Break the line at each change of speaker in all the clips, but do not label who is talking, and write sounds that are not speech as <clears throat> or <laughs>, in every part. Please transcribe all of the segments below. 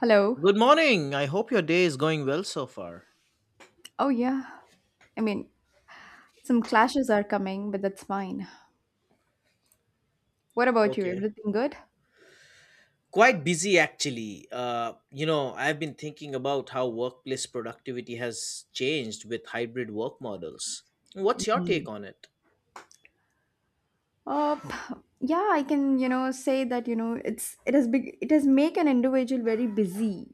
Hello.
Good morning. I hope your day is going well so far.
Oh, yeah. I mean, some clashes are coming, but that's fine. What about you?
Okay.
Everything good?
Quite busy actually. I've been thinking about how workplace productivity has changed with hybrid work models. What's your take on it?
Uh, yeah, I can, say that, it has make an individual very busy.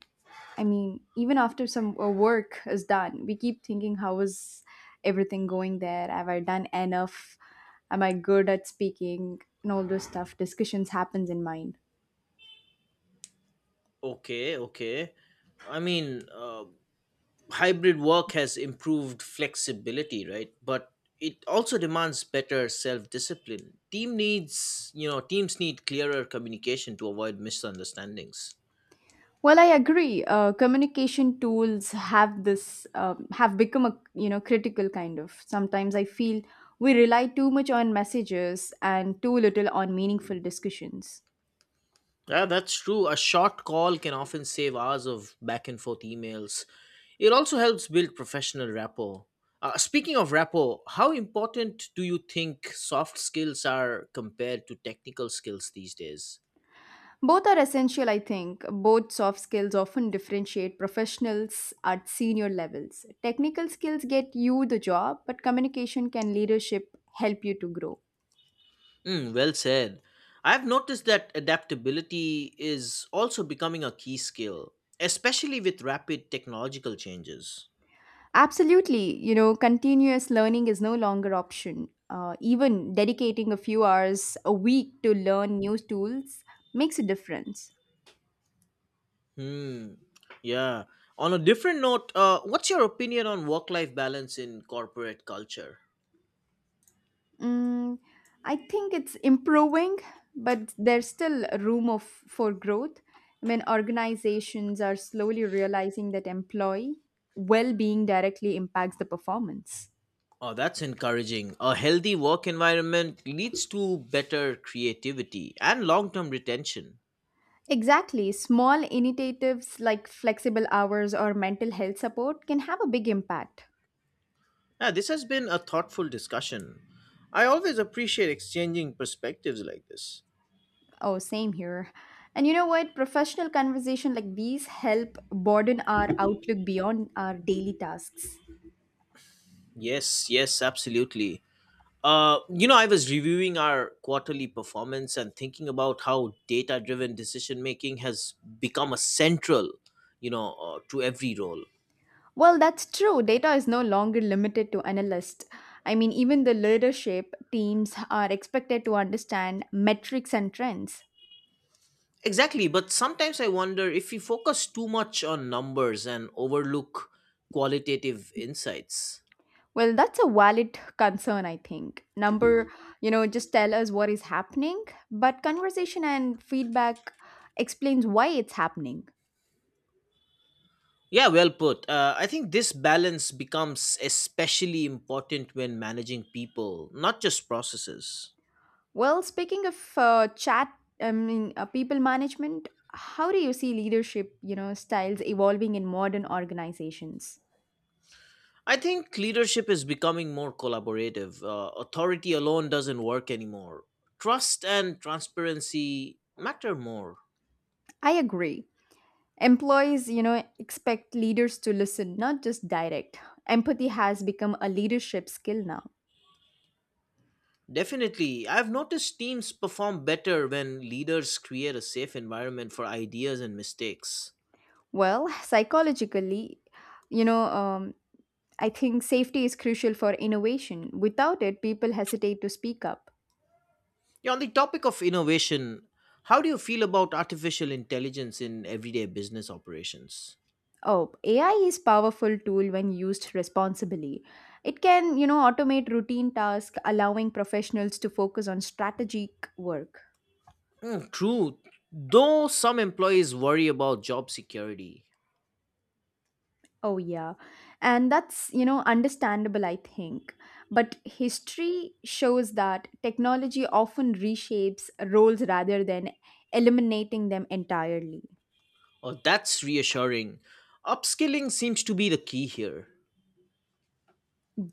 I mean, even after some work is done, we keep thinking how is everything going there? Have I done enough? Am I good at speaking? And all those stuff discussions happens in mind.
Okay, okay. I mean, hybrid work has improved flexibility, right? But it also demands better self-discipline. Teams need clearer communication to avoid misunderstandings.
Well, I agree. Communication tools have become a critical kind of. Sometimes I feel we rely too much on messages and too little on meaningful discussions.
Yeah, that's true. A short call can often save hours of back and forth emails. It also helps build professional rapport. Speaking of rapport, how important do you think soft skills are compared to technical skills these days?
Both are essential, I think. Both soft skills often differentiate professionals at senior levels. Technical skills get you the job, but communication can leadership help you to grow.
Mm, well said. I've noticed that adaptability is also becoming a key skill, especially with rapid technological changes.
Absolutely. Continuous learning is no longer option. Even dedicating a few hours a week to learn new tools makes a difference.
Hmm. Yeah. On a different note, what's your opinion on work life balance in corporate culture?
Mm, I think it's improving, but there's still room of, for growth. I mean, organizations are slowly realizing that employee well being directly impacts the performance.
Oh, that's encouraging. A healthy work environment leads to better creativity and long term retention.
Exactly. Small initiatives like flexible hours or mental health support can have a big impact.
Yeah, this has been a thoughtful discussion. I always appreciate exchanging perspectives like this.
Oh, same here. And you know what? Professional conversation like these help broaden our outlook beyond our daily tasks.
Yes, yes, absolutely. I was reviewing our quarterly performance and thinking about how data driven decision making has become a central, to every role.
Well, that's true. Data is no longer limited to analysts. I mean, even the leadership teams are expected to understand metrics and trends.
Exactly, but sometimes I wonder if we focus too much on numbers and overlook qualitative insights.
Well, that's a valid concern, I think. Number, just tell us what is happening, but conversation and feedback explains why it's happening.
Yeah, well put. I think this balance becomes especially important when managing people, not just processes.
Well, speaking of chat, I mean, people management, how do you see leadership, styles evolving in modern organizations?
I think leadership is becoming more collaborative. Authority alone doesn't work anymore. Trust and transparency matter more.
I agree. Employees, expect leaders to listen, not just direct. Empathy has become a leadership skill now.
Definitely. I've noticed teams perform better when leaders create a safe environment for ideas and mistakes.
Well, psychologically, you know, um, I think safety is crucial for innovation. Without it, people hesitate to speak up.
Yeah, on the topic of innovation, how do you feel about artificial intelligence in everyday business operations?
Oh, AI is powerful tool when used responsibly. It can, automate routine tasks, allowing professionals to focus on strategic work.
Mm, true. Though some employees worry about job security.
Oh yeah. And that's, understandable I think. But history shows that technology often reshapes roles rather than eliminating them entirely.
Oh, that's reassuring. Upskilling seems to be the key here.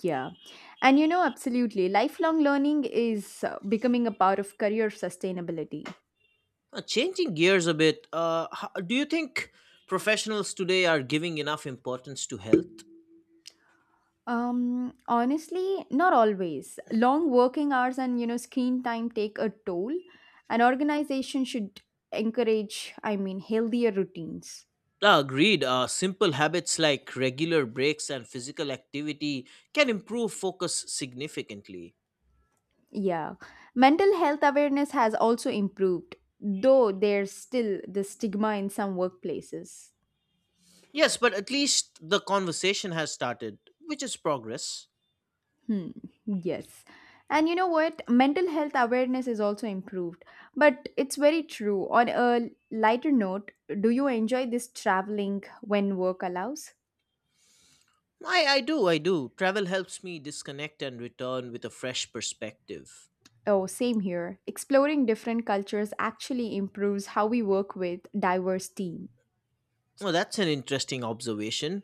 Yeah. And absolutely lifelong learning is becoming a part of career sustainability.
Changing gears a bit, do you think professionals today are giving enough importance to health?
Honestly, not always. Long working hours and screen time take a toll. An organization should encourage, I mean, healthier routines.
Agreed. Simple habits like regular breaks and physical activity can improve focus significantly.
Yeah. Mental health awareness has also improved, though there's still the stigma in some workplaces.
Yes, but at least the conversation has started, which is progress.
Hmm, yes. And you know what? Mental health awareness is also improved. But it's very true. On a lighter note, do you enjoy this traveling when work allows?
I do. Travel helps me disconnect and return with a fresh perspective.
Oh, same here. Exploring different cultures actually improves how we work with diverse team.
Well, that's an interesting observation.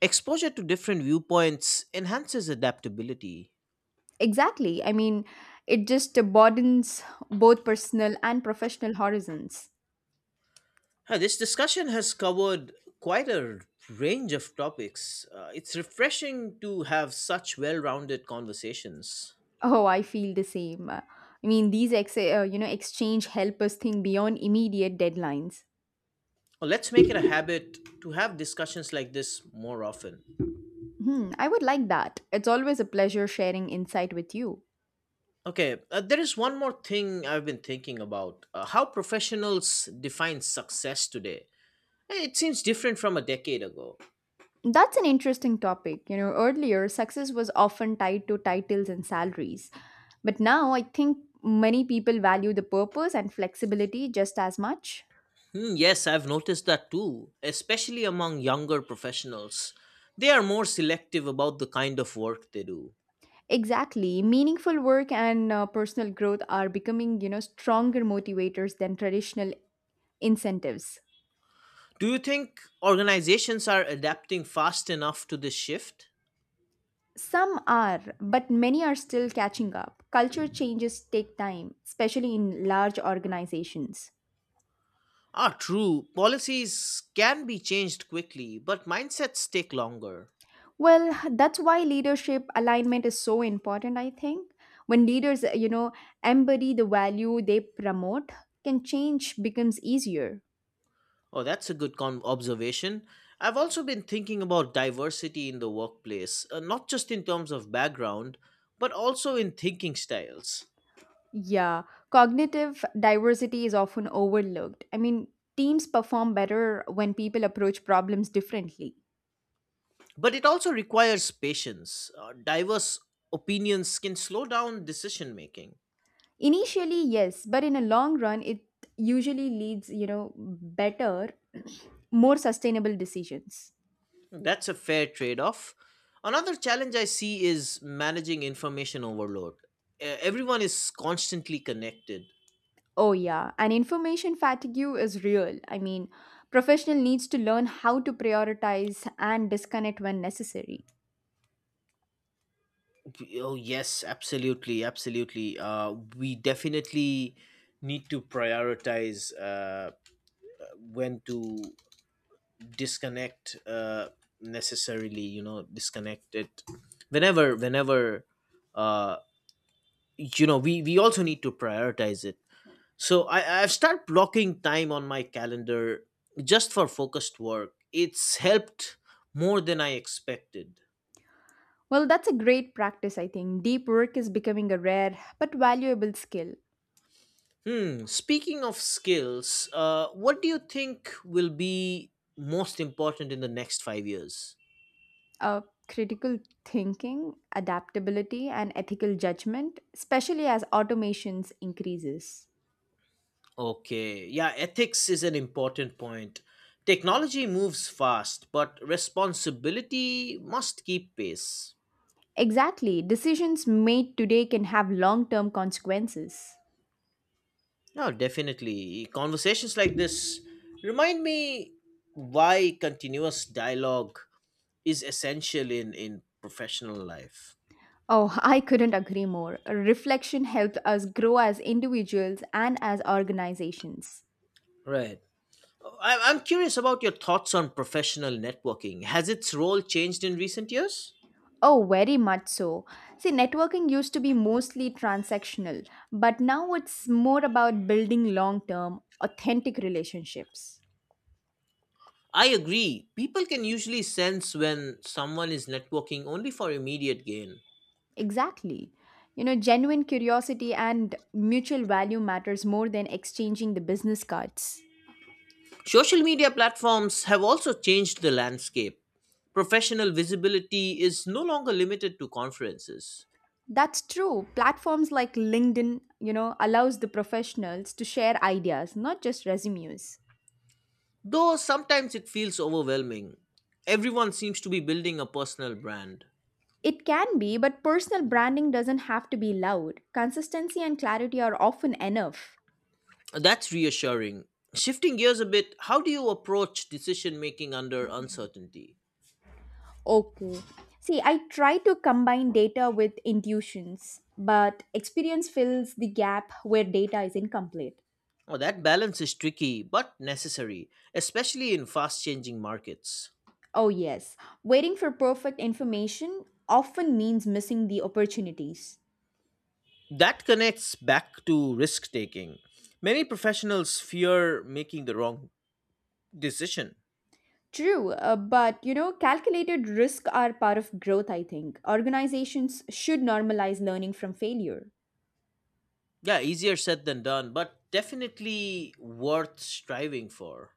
Exposure to different viewpoints enhances adaptability.
Exactly. I mean, it just broadens both personal and professional horizons.
Hi, this discussion has covered quite a range of topics. It's refreshing to have such well rounded conversations.
Oh, I feel the same. I mean, these exchange help us think beyond immediate deadlines.
Well, let's make it a habit to have discussions like this more often.
I would like that. It's always a pleasure sharing insight with you.
Okay, there is one more thing I've been thinking about how professionals define success today. It seems different from a decade ago.
That's an interesting topic. Earlier success was often tied to titles and salaries. But now I think many people value the purpose and flexibility just as much.
Hmm, yes, I've noticed that too, especially among younger professionals. They are more selective about the kind of work they do.
Exactly. Meaningful work and personal growth are becoming, stronger motivators than traditional incentives.
Do you think organizations are adapting fast enough to this shift?
Some are, but many are still catching up. Culture changes take time, especially in large organizations.
Ah, true. Policies can be changed quickly, but mindsets take longer.
Well, that's why leadership alignment is so important, I think. When leaders, embody the value they promote, can change becomes easier.
Oh, that's a good observation. I've also been thinking about diversity in the workplace, not just in terms of background, but also in thinking styles.
Yeah, cognitive diversity is often overlooked. I mean, teams perform better when people approach problems differently.
But it also requires patience. Diverse opinions can slow down decision making.
Initially, yes, but in a long run it usually leads, better, <clears throat> more sustainable decisions.
That's a fair trade off. Another challenge I see is managing information overload. Everyone is constantly connected.
Oh, yeah. And information fatigue is real. I mean, professional needs to learn how to prioritize and disconnect when necessary.
Oh, yes, absolutely. Absolutely. We definitely need to prioritize when to disconnect necessarily, disconnect it whenever, uh, we also need to prioritize it. So I've started blocking time on my calendar just for focused work. It's helped more than I expected.
Well, that's a great practice, I think. Deep work is becoming a rare but valuable skill.
Hmm. Speaking of skills, what do you think will be most important in the next 5 years?
Uh, Critical thinking, adaptability, and ethical judgment, especially as automations increases.
Okay. Yeah, ethics is an important point. Technology moves fast, but responsibility must keep pace.
Exactly. Decisions made today can have long-term consequences.
No, definitely. Conversations like this remind me why continuous dialogue is essential in professional life.
Oh, I couldn't agree more. Reflection helped us grow as individuals and as organizations.
Right. I'm curious about your thoughts on professional networking. Has its role changed in recent years?
Oh, very much so. See, networking used to be mostly transactional, but now it's more about building long term, authentic relationships.
I agree. People can usually sense when someone is networking only for immediate gain.
Exactly. Genuine curiosity and mutual value matters more than exchanging the business cards.
Social media platforms have also changed the landscape. Professional visibility is no longer limited to conferences.
That's true. Platforms like LinkedIn, allows the professionals to share ideas, not just resumes.
Though sometimes it feels overwhelming. Everyone seems to be building a personal brand.
It can be, but personal branding doesn't have to be loud. Consistency and clarity are often enough.
That's reassuring. Shifting gears a bit, how do you approach decision making under uncertainty?
Okay. See, I try to combine data with intuitions, but experience fills the gap where data is incomplete.
Oh, that balance is tricky but necessary, especially in fast changing markets.
Oh, yes. Waiting for perfect information often means missing the opportunities.
That connects back to risk taking. Many professionals fear making the wrong decision.
True, but calculated risks are part of growth, I think. Organizations should normalize learning from failure.
Yeah, easier said than done, but definitely worth striving for.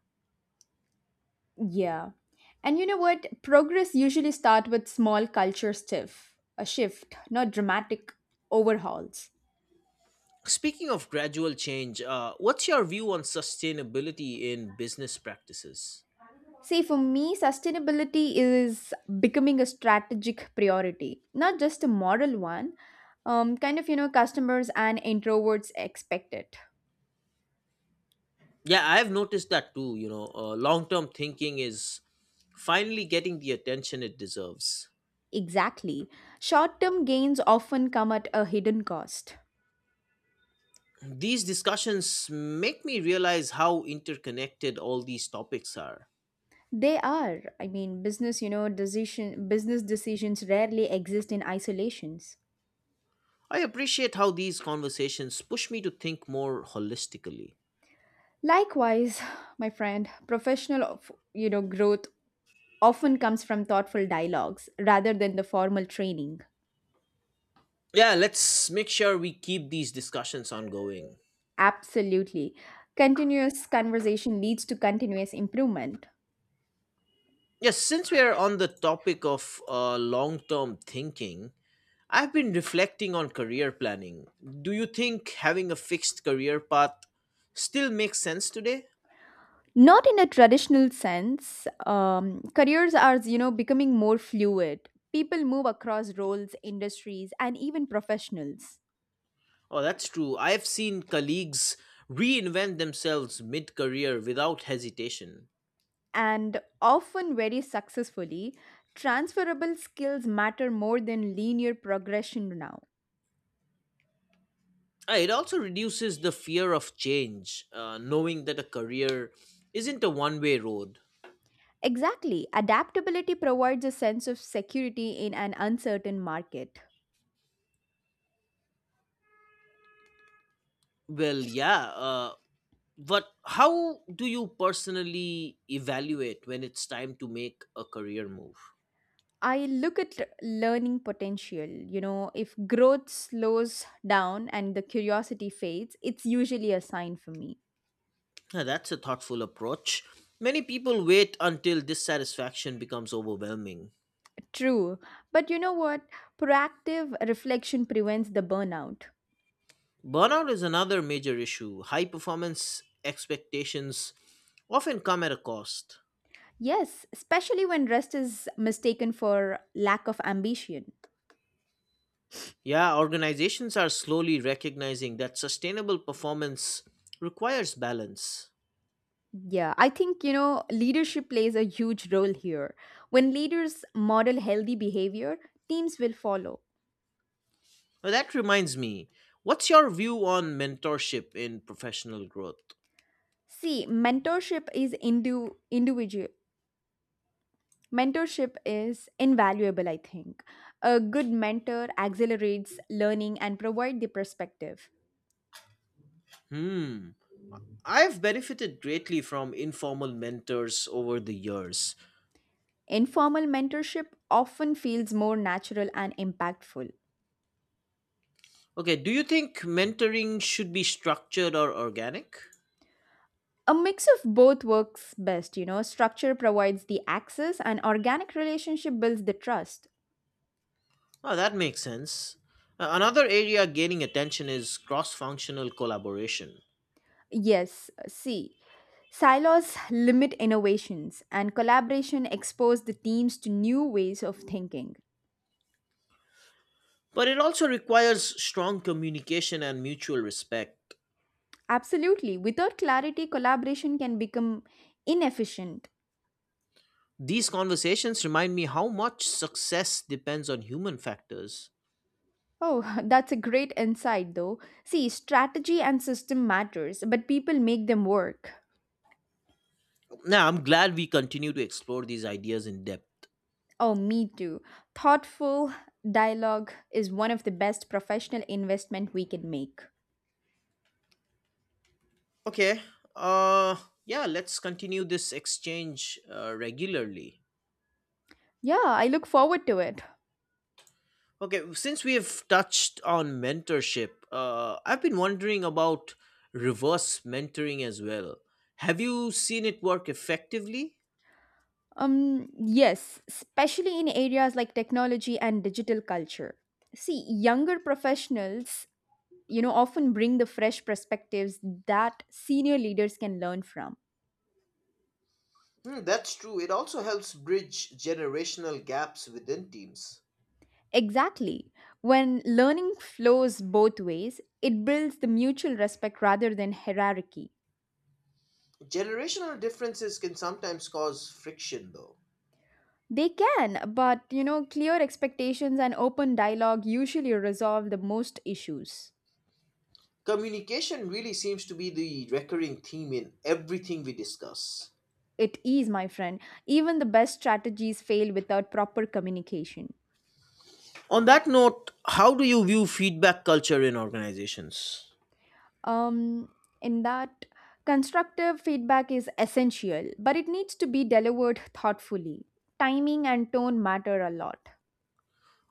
Yeah. And you know what? Progress usually start with small culture stiff, a shift, not dramatic overhauls.
Speaking of gradual change, what's your view on sustainability in business practices?
See, for me, sustainability is becoming a strategic priority, not just a moral one. Kind of, customers and introverts expect it.
Yeah, I've noticed that too. Long term thinking is finally getting the attention it deserves.
Exactly. Short term gains often come at a hidden cost.
These discussions make me realize how interconnected all these topics are.
They are. I mean, business decisions rarely exist in isolations.
I appreciate how these conversations push me to think more holistically.
Likewise, <sighs> my friend, professional of growth often comes from thoughtful dialogues rather than the formal training.
Yeah, let's make sure we keep these discussions ongoing.
Absolutely. Continuous conversation leads to continuous improvement.
Yes, since we are on the topic of long term thinking, I've been reflecting on career planning. Do you think having a fixed career path still makes sense today?
Not in a traditional sense. Careers are, becoming more fluid. People move across roles, industries, and even professionals,
Oh, that's true. I've seen colleagues reinvent themselves mid career without hesitation.
and often very successfully. Transferable skills matter more than linear progression now.
It also reduces the fear of change, knowing that a career isn't a one way road.
Exactly. Adaptability provides a sense of security in an uncertain market.
Well, yeah, but how do you personally evaluate when it's time to make a career move?
I look at learning potential. If growth slows down and the curiosity fades, it's usually a sign for me.
Now, that's a thoughtful approach. Many people wait until dissatisfaction becomes overwhelming.
True. But you know what? Proactive reflection prevents the burnout.
Burnout is another major issue. High performance expectations often come at a cost.
Yes, especially when rest is mistaken for lack of ambition.
Yeah, organizations are slowly recognizing that sustainable performance requires balance.
Yeah, I think, leadership plays a huge role here. When leaders model healthy behavior, teams will follow.
Now, that reminds me, what's your view on mentorship in professional growth?
See, Mentorship is invaluable, I think. A good mentor accelerates learning and provides the perspective.
Hmm. I've benefited greatly from informal mentors over the years.
Informal mentorship often feels more natural and impactful.
Okay, do you think mentoring should be structured or organic?
A mix of both works best. Structure provides the access and organic relationship builds the trust.
Oh, that makes sense. Another area gaining attention is cross functional collaboration.
Yes, see, silos limit innovations and collaboration expose the teams to new ways of thinking.
But it also requires strong communication and mutual respect.
Absolutely. Without clarity, collaboration can become inefficient.
These conversations remind me how much success depends on human factors.
Oh, <laughs> that's a great insight though. See, strategy and system matters, but people make them work.
Now, I'm glad we continue to explore these ideas in depth.
Oh, me too. Thoughtful dialogue is one of the best professional investment we can make.
Okay, uh, yeah, let's continue this exchange regularly.
Yeah, I look forward to it.
Okay, since we have touched on mentorship, I've been wondering about reverse mentoring as well. Have you seen it work effectively?
Yes, especially in areas like technology and digital culture. See, younger professionals often bring the fresh perspectives that senior leaders can learn from.
Hmm, that's true. It also helps bridge generational gaps within teams.
Exactly. When learning flows both ways, it builds the mutual respect rather than hierarchy.
Generational differences can sometimes cause friction, though.
They can, but clear expectations and open dialogue usually resolve the most issues.
Communication really seems to be the recurring theme in everything we discuss.
It is, my friend. Even the best strategies fail without proper communication.
On that note, how do you view feedback culture in organizations?
um, in that constructive feedback is essential, but it needs to be delivered thoughtfully. Timing and tone matter a lot.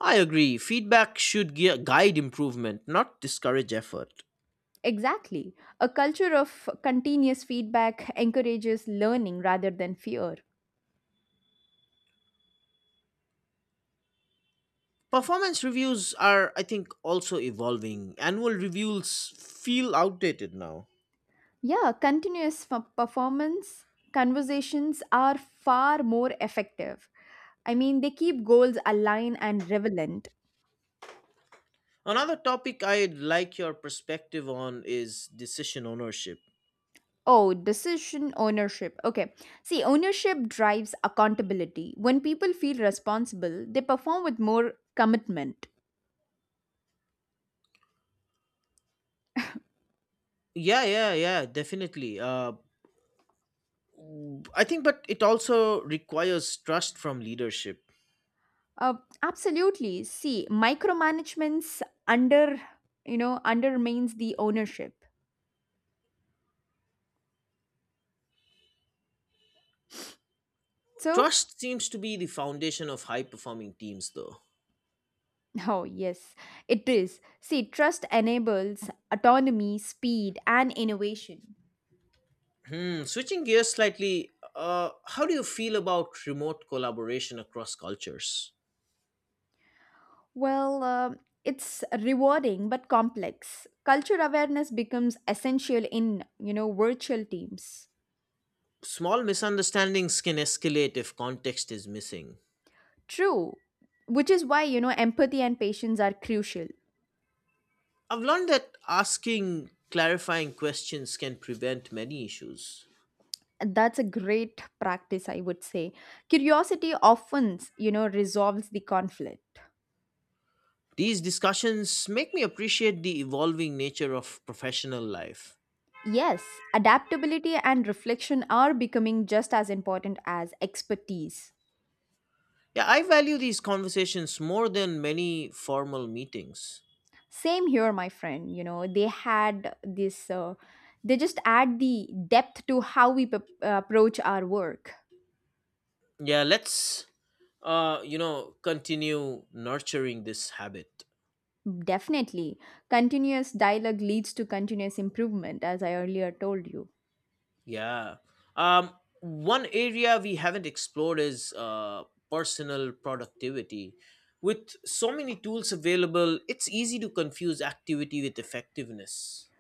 I agree. Feedback should guide improvement, not discourage effort.
Exactly. A culture of continuous feedback encourages learning rather than fear.
Performance reviews are, I think, also evolving. Annual reviews feel outdated now.
Yeah, continuous performance conversations are far more effective. I mean, they keep goals aligned and relevant.
Another topic I'd like your perspective on is decision ownership.
Oh, decision ownership. Okay. See, ownership drives accountability. When people feel responsible, they perform with more commitment.
Yeah, yeah, yeah, definitely. I think, but it also requires trust from leadership.
Uh, Absolutely. See, micromanagement's under, undermines the ownership. So,
Trust seems to be the foundation of high performing teams, though.
<laughs> oh, yes, it is. See, trust enables autonomy, speed, and innovation.
Hmm, switching gears slightly, how do you feel about remote collaboration across cultures?
Well, it's rewarding but complex. Culture awareness becomes essential in, virtual teams.
Small misunderstandings can escalate if context is missing.
True, which is why, empathy and patience are crucial.
I've learned that asking clarifying questions can prevent many issues.
That's a great practice, I would say. Curiosity often, resolves the conflict.
These discussions make me appreciate the evolving nature of professional life.
Yes, adaptability and reflection are becoming just as important as expertise.
Yeah, I value these conversations more than many formal meetings.
Same here, my friend. They just add the depth to how we approach our work.
Yeah, let's continue nurturing this habit.
Definitely. Continuous dialogue leads to continuous improvement, as I earlier told you.
Yeah. Um, One area we haven't explored is personal productivity. With so many tools available, it's easy to confuse activity with effectiveness.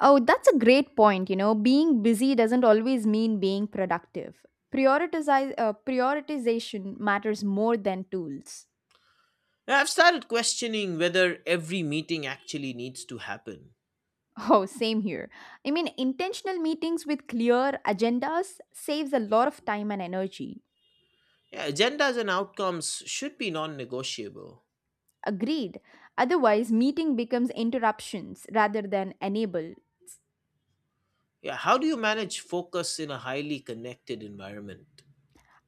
Oh, that's a great point. Being busy doesn't always mean being productive. Prioritization matters more than tools. <laughs>
And I've started questioning whether every meeting actually needs to happen.
Oh, same here. I mean, intentional meetings with clear agendas saves a lot of time and energy.
Yeah, agendas and outcomes should be non negotiable.
Agreed. Otherwise, meeting becomes interruptions rather than enable.
Yeah, how do you manage focus in a highly connected environment?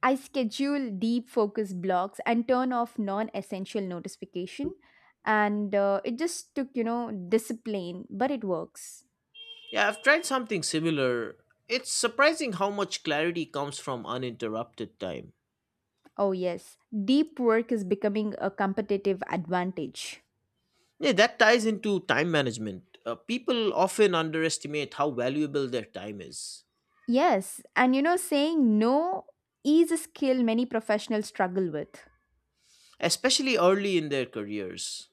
I schedule deep focus blocks and turn off non-essential notification and it just took discipline but it works.
Yeah, I've tried something similar. It's surprising how much clarity comes from uninterrupted time.
Oh yes, deep work is becoming a competitive advantage.
Yeah, that ties into time management. People often underestimate how valuable their time is,
Yes, and saying no is a skill many professionals struggle with.
especially early in their careers.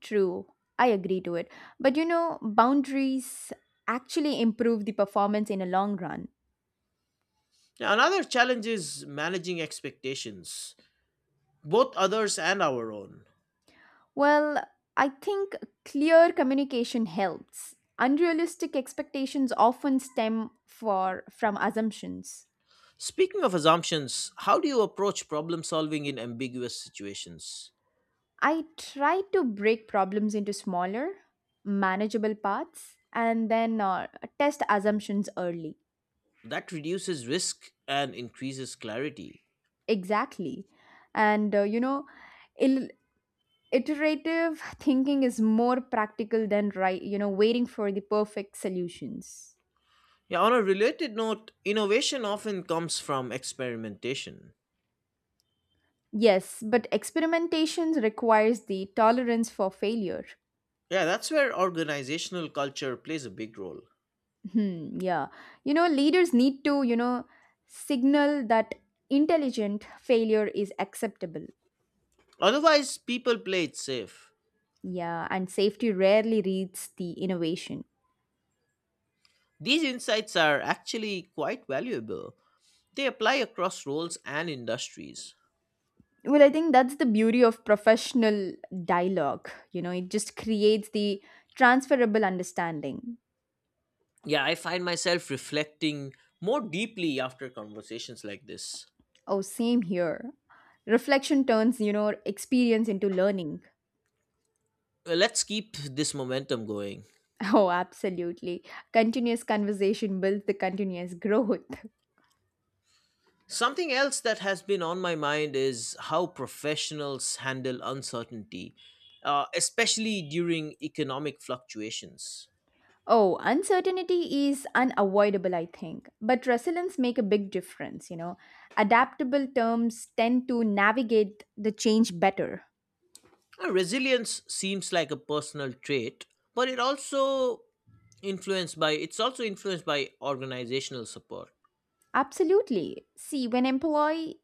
True. I agree to it. But boundaries actually improve the performance in a long run.
Now, another challenge is managing expectations, both others and our own.
Well, I think clear communication helps. Unrealistic expectations often stem for from assumptions.
Speaking of assumptions, how do you approach problem solving in ambiguous situations?
I try to break problems into smaller, manageable parts and then test assumptions early.
That reduces risk and increases clarity.
Exactly. And you know, il- Iterative thinking is more practical than right, waiting for the perfect solutions.
Yeah, on a related note, innovation often comes from experimentation.
Yes, but experimentations requires the tolerance for failure.
Yeah, that's where organizational culture plays a big role.
Hmm, yeah. Leaders need to, signal that intelligent failure is acceptable.
Otherwise, people play it safe.
Yeah, and safety rarely reads the innovation.
These insights are actually quite valuable. They apply across roles and industries.
Well, I think that's the beauty of professional dialogue. It just creates the transferable understanding.
Yeah, I find myself reflecting more deeply after conversations like this.
Oh, same here. Reflection turns, experience into learning.
Well, let's keep this momentum going.
<laughs> Oh, absolutely. Continuous conversation builds the continuous growth. <laughs>
Something else that has been on my mind is how professionals handle uncertainty, especially during economic fluctuations.
Oh, uncertainty is unavoidable, I think. But resilience make a big difference. Adaptable terms tend to navigate the change better.
Resilience seems like a personal trait, but it's also influenced by organizational support.
Absolutely. See, when employee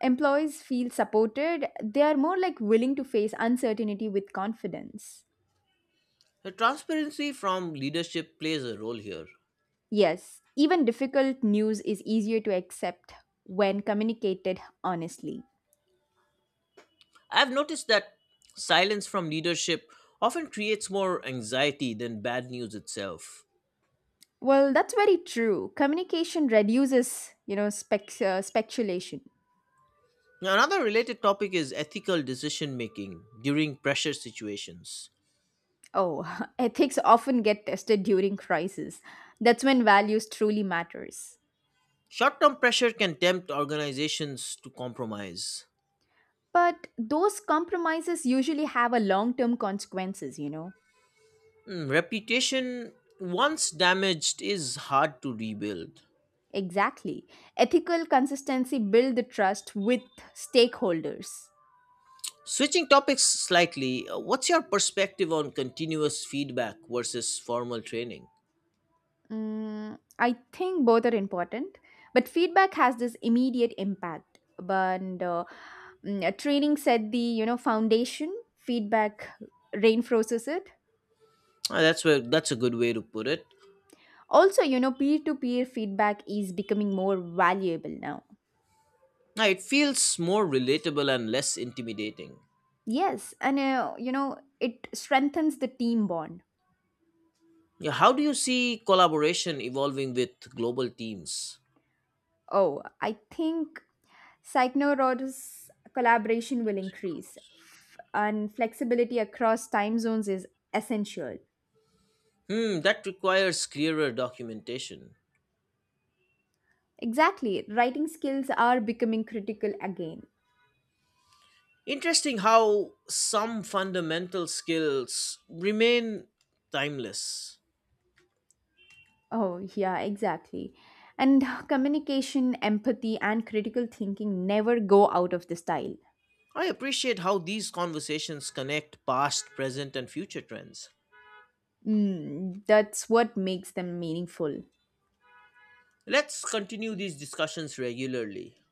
employees feel supported, they are more like willing to face uncertainty with confidence.
The transparency from leadership plays a role here.
Yes, even difficult news is easier to accept when communicated honestly.
I've noticed that silence from leadership often creates more anxiety than bad news itself.
Well, that's very true. Communication reduces, speculation.
Now, another related topic is ethical decision making during pressure situations.
Oh, <laughs> ethics often get tested during crisis. That's when values truly matters.
Short-term pressure can tempt organizations to compromise.
But those compromises usually have a long-term consequences.
Mm, reputation once damaged is hard to rebuild.
Exactly. Ethical consistency build the trust with stakeholders.
Switching topics slightly, what's your perspective on continuous feedback versus formal training?
Mm, I think both are important, but feedback has this immediate impact. Training set the foundation. Feedback reinforces it.
Ah, that's a good way to put it.
Also, peer to peer feedback is becoming more valuable now.
Ah, it feels more relatable and less intimidating.
Yes, and it strengthens the team bond.
Yeah, how do you see collaboration evolving with global teams?
Oh, I think Psychnorod's collaboration will increase, and flexibility across time zones is essential.
Hmm, that requires clearer documentation.
Exactly. Writing skills are becoming critical again.
Interesting how some fundamental skills remain timeless.
Oh, yeah, exactly. And <sighs> communication, empathy, and critical thinking never go out of the style.
I appreciate how these conversations connect past, present, and future trends.
Mm, that's what makes them meaningful.
Let's continue these discussions regularly.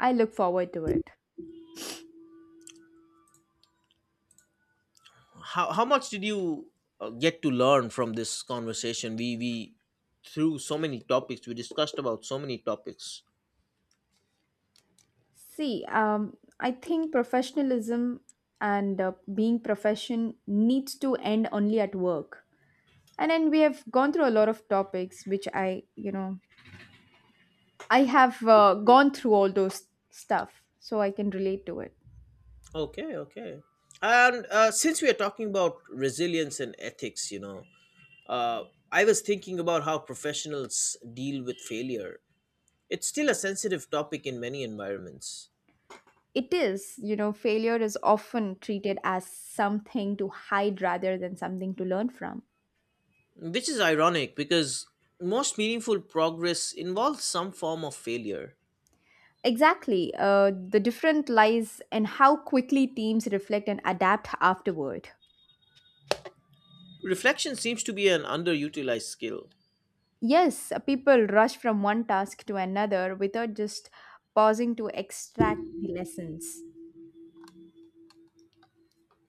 I look forward to it.
How much did you get to learn from this conversation? We through so many topics, we discussed about so many topics.
See, I think professionalism and being profession needs to end only at work. And then we have gone through a lot of topics, which I have gone through all those stuff, so I can relate to it.
Okay, okay. And since we are talking about resilience and ethics, uh, I was thinking about how professionals deal with failure. It's still a sensitive topic in many environments,
It is, failure is often treated as something to hide rather than something to learn from.
which is ironic because most meaningful progress involves some form of failure.
Exactly. The difference lies in how quickly teams reflect and adapt afterward.
Reflection seems to be an underutilized skill.
Yes, people rush from one task to another without just pausing to extract the lessons.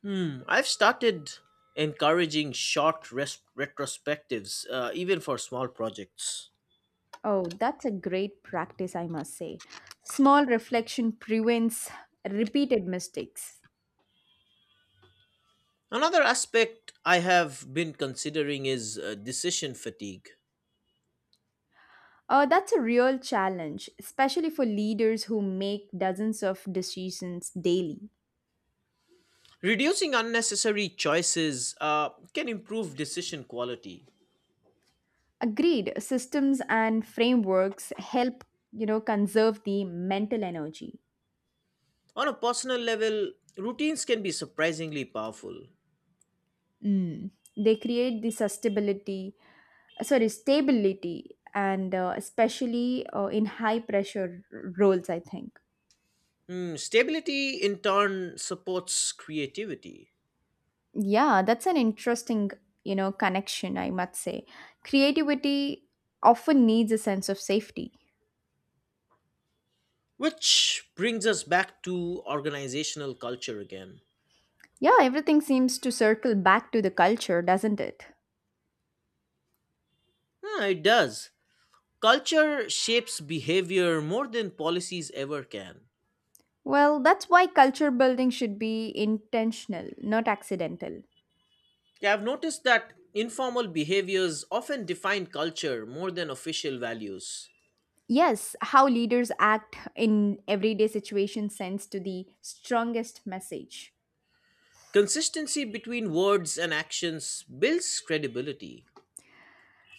Hmm, I've started encouraging short retrospectives, even for small projects.
Oh, that's a great practice, I must say. Small reflection prevents repeated mistakes.
Another aspect I have been considering is decision fatigue.
That's a real challenge, especially for leaders who make dozens of decisions daily.
Reducing unnecessary choices can improve decision quality.
Agreed, systems and frameworks help, conserve the mental energy.
On a personal level, routines can be surprisingly powerful.
Mm. They create the sustainability, sorry, stability, and especially in high pressure roles, I think.
Hmm, stability, in turn, supports creativity.
Yeah, that's an interesting, connection, I must say. Creativity often needs a sense of safety.
Which brings us back to organizational culture again.
Yeah, everything seems to circle back to the culture, doesn't it?
Ah, it does. Culture shapes behavior more than policies ever can.
Well, that's why culture building should be intentional, not accidental.
Yeah, I've noticed that informal behaviors often define culture more than official values.
Yes, how leaders act in everyday situations sends to the strongest message.
Consistency between words and actions builds credibility.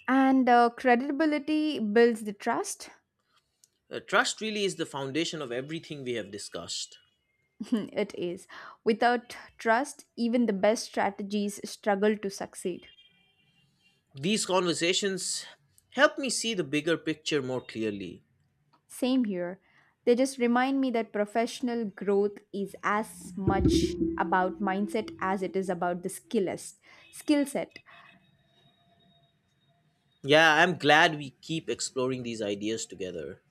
And credibility builds the trust.
Trust really is the foundation of everything we have discussed.
<laughs> It is. Without trust, even the best strategies struggle to succeed.
These conversations help me see the bigger picture more clearly.
Same here. They just remind me that professional growth is as much about mindset as it is about the skill set.
Yeah, I'm glad we keep exploring these ideas together.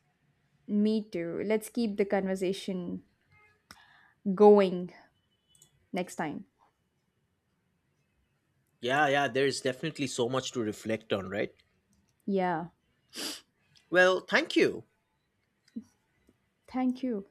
Me too. Let's keep the conversation going next time.
Yeah, yeah, there's definitely so much to reflect on, right?
Yeah.
Well, thank you.
Thank you.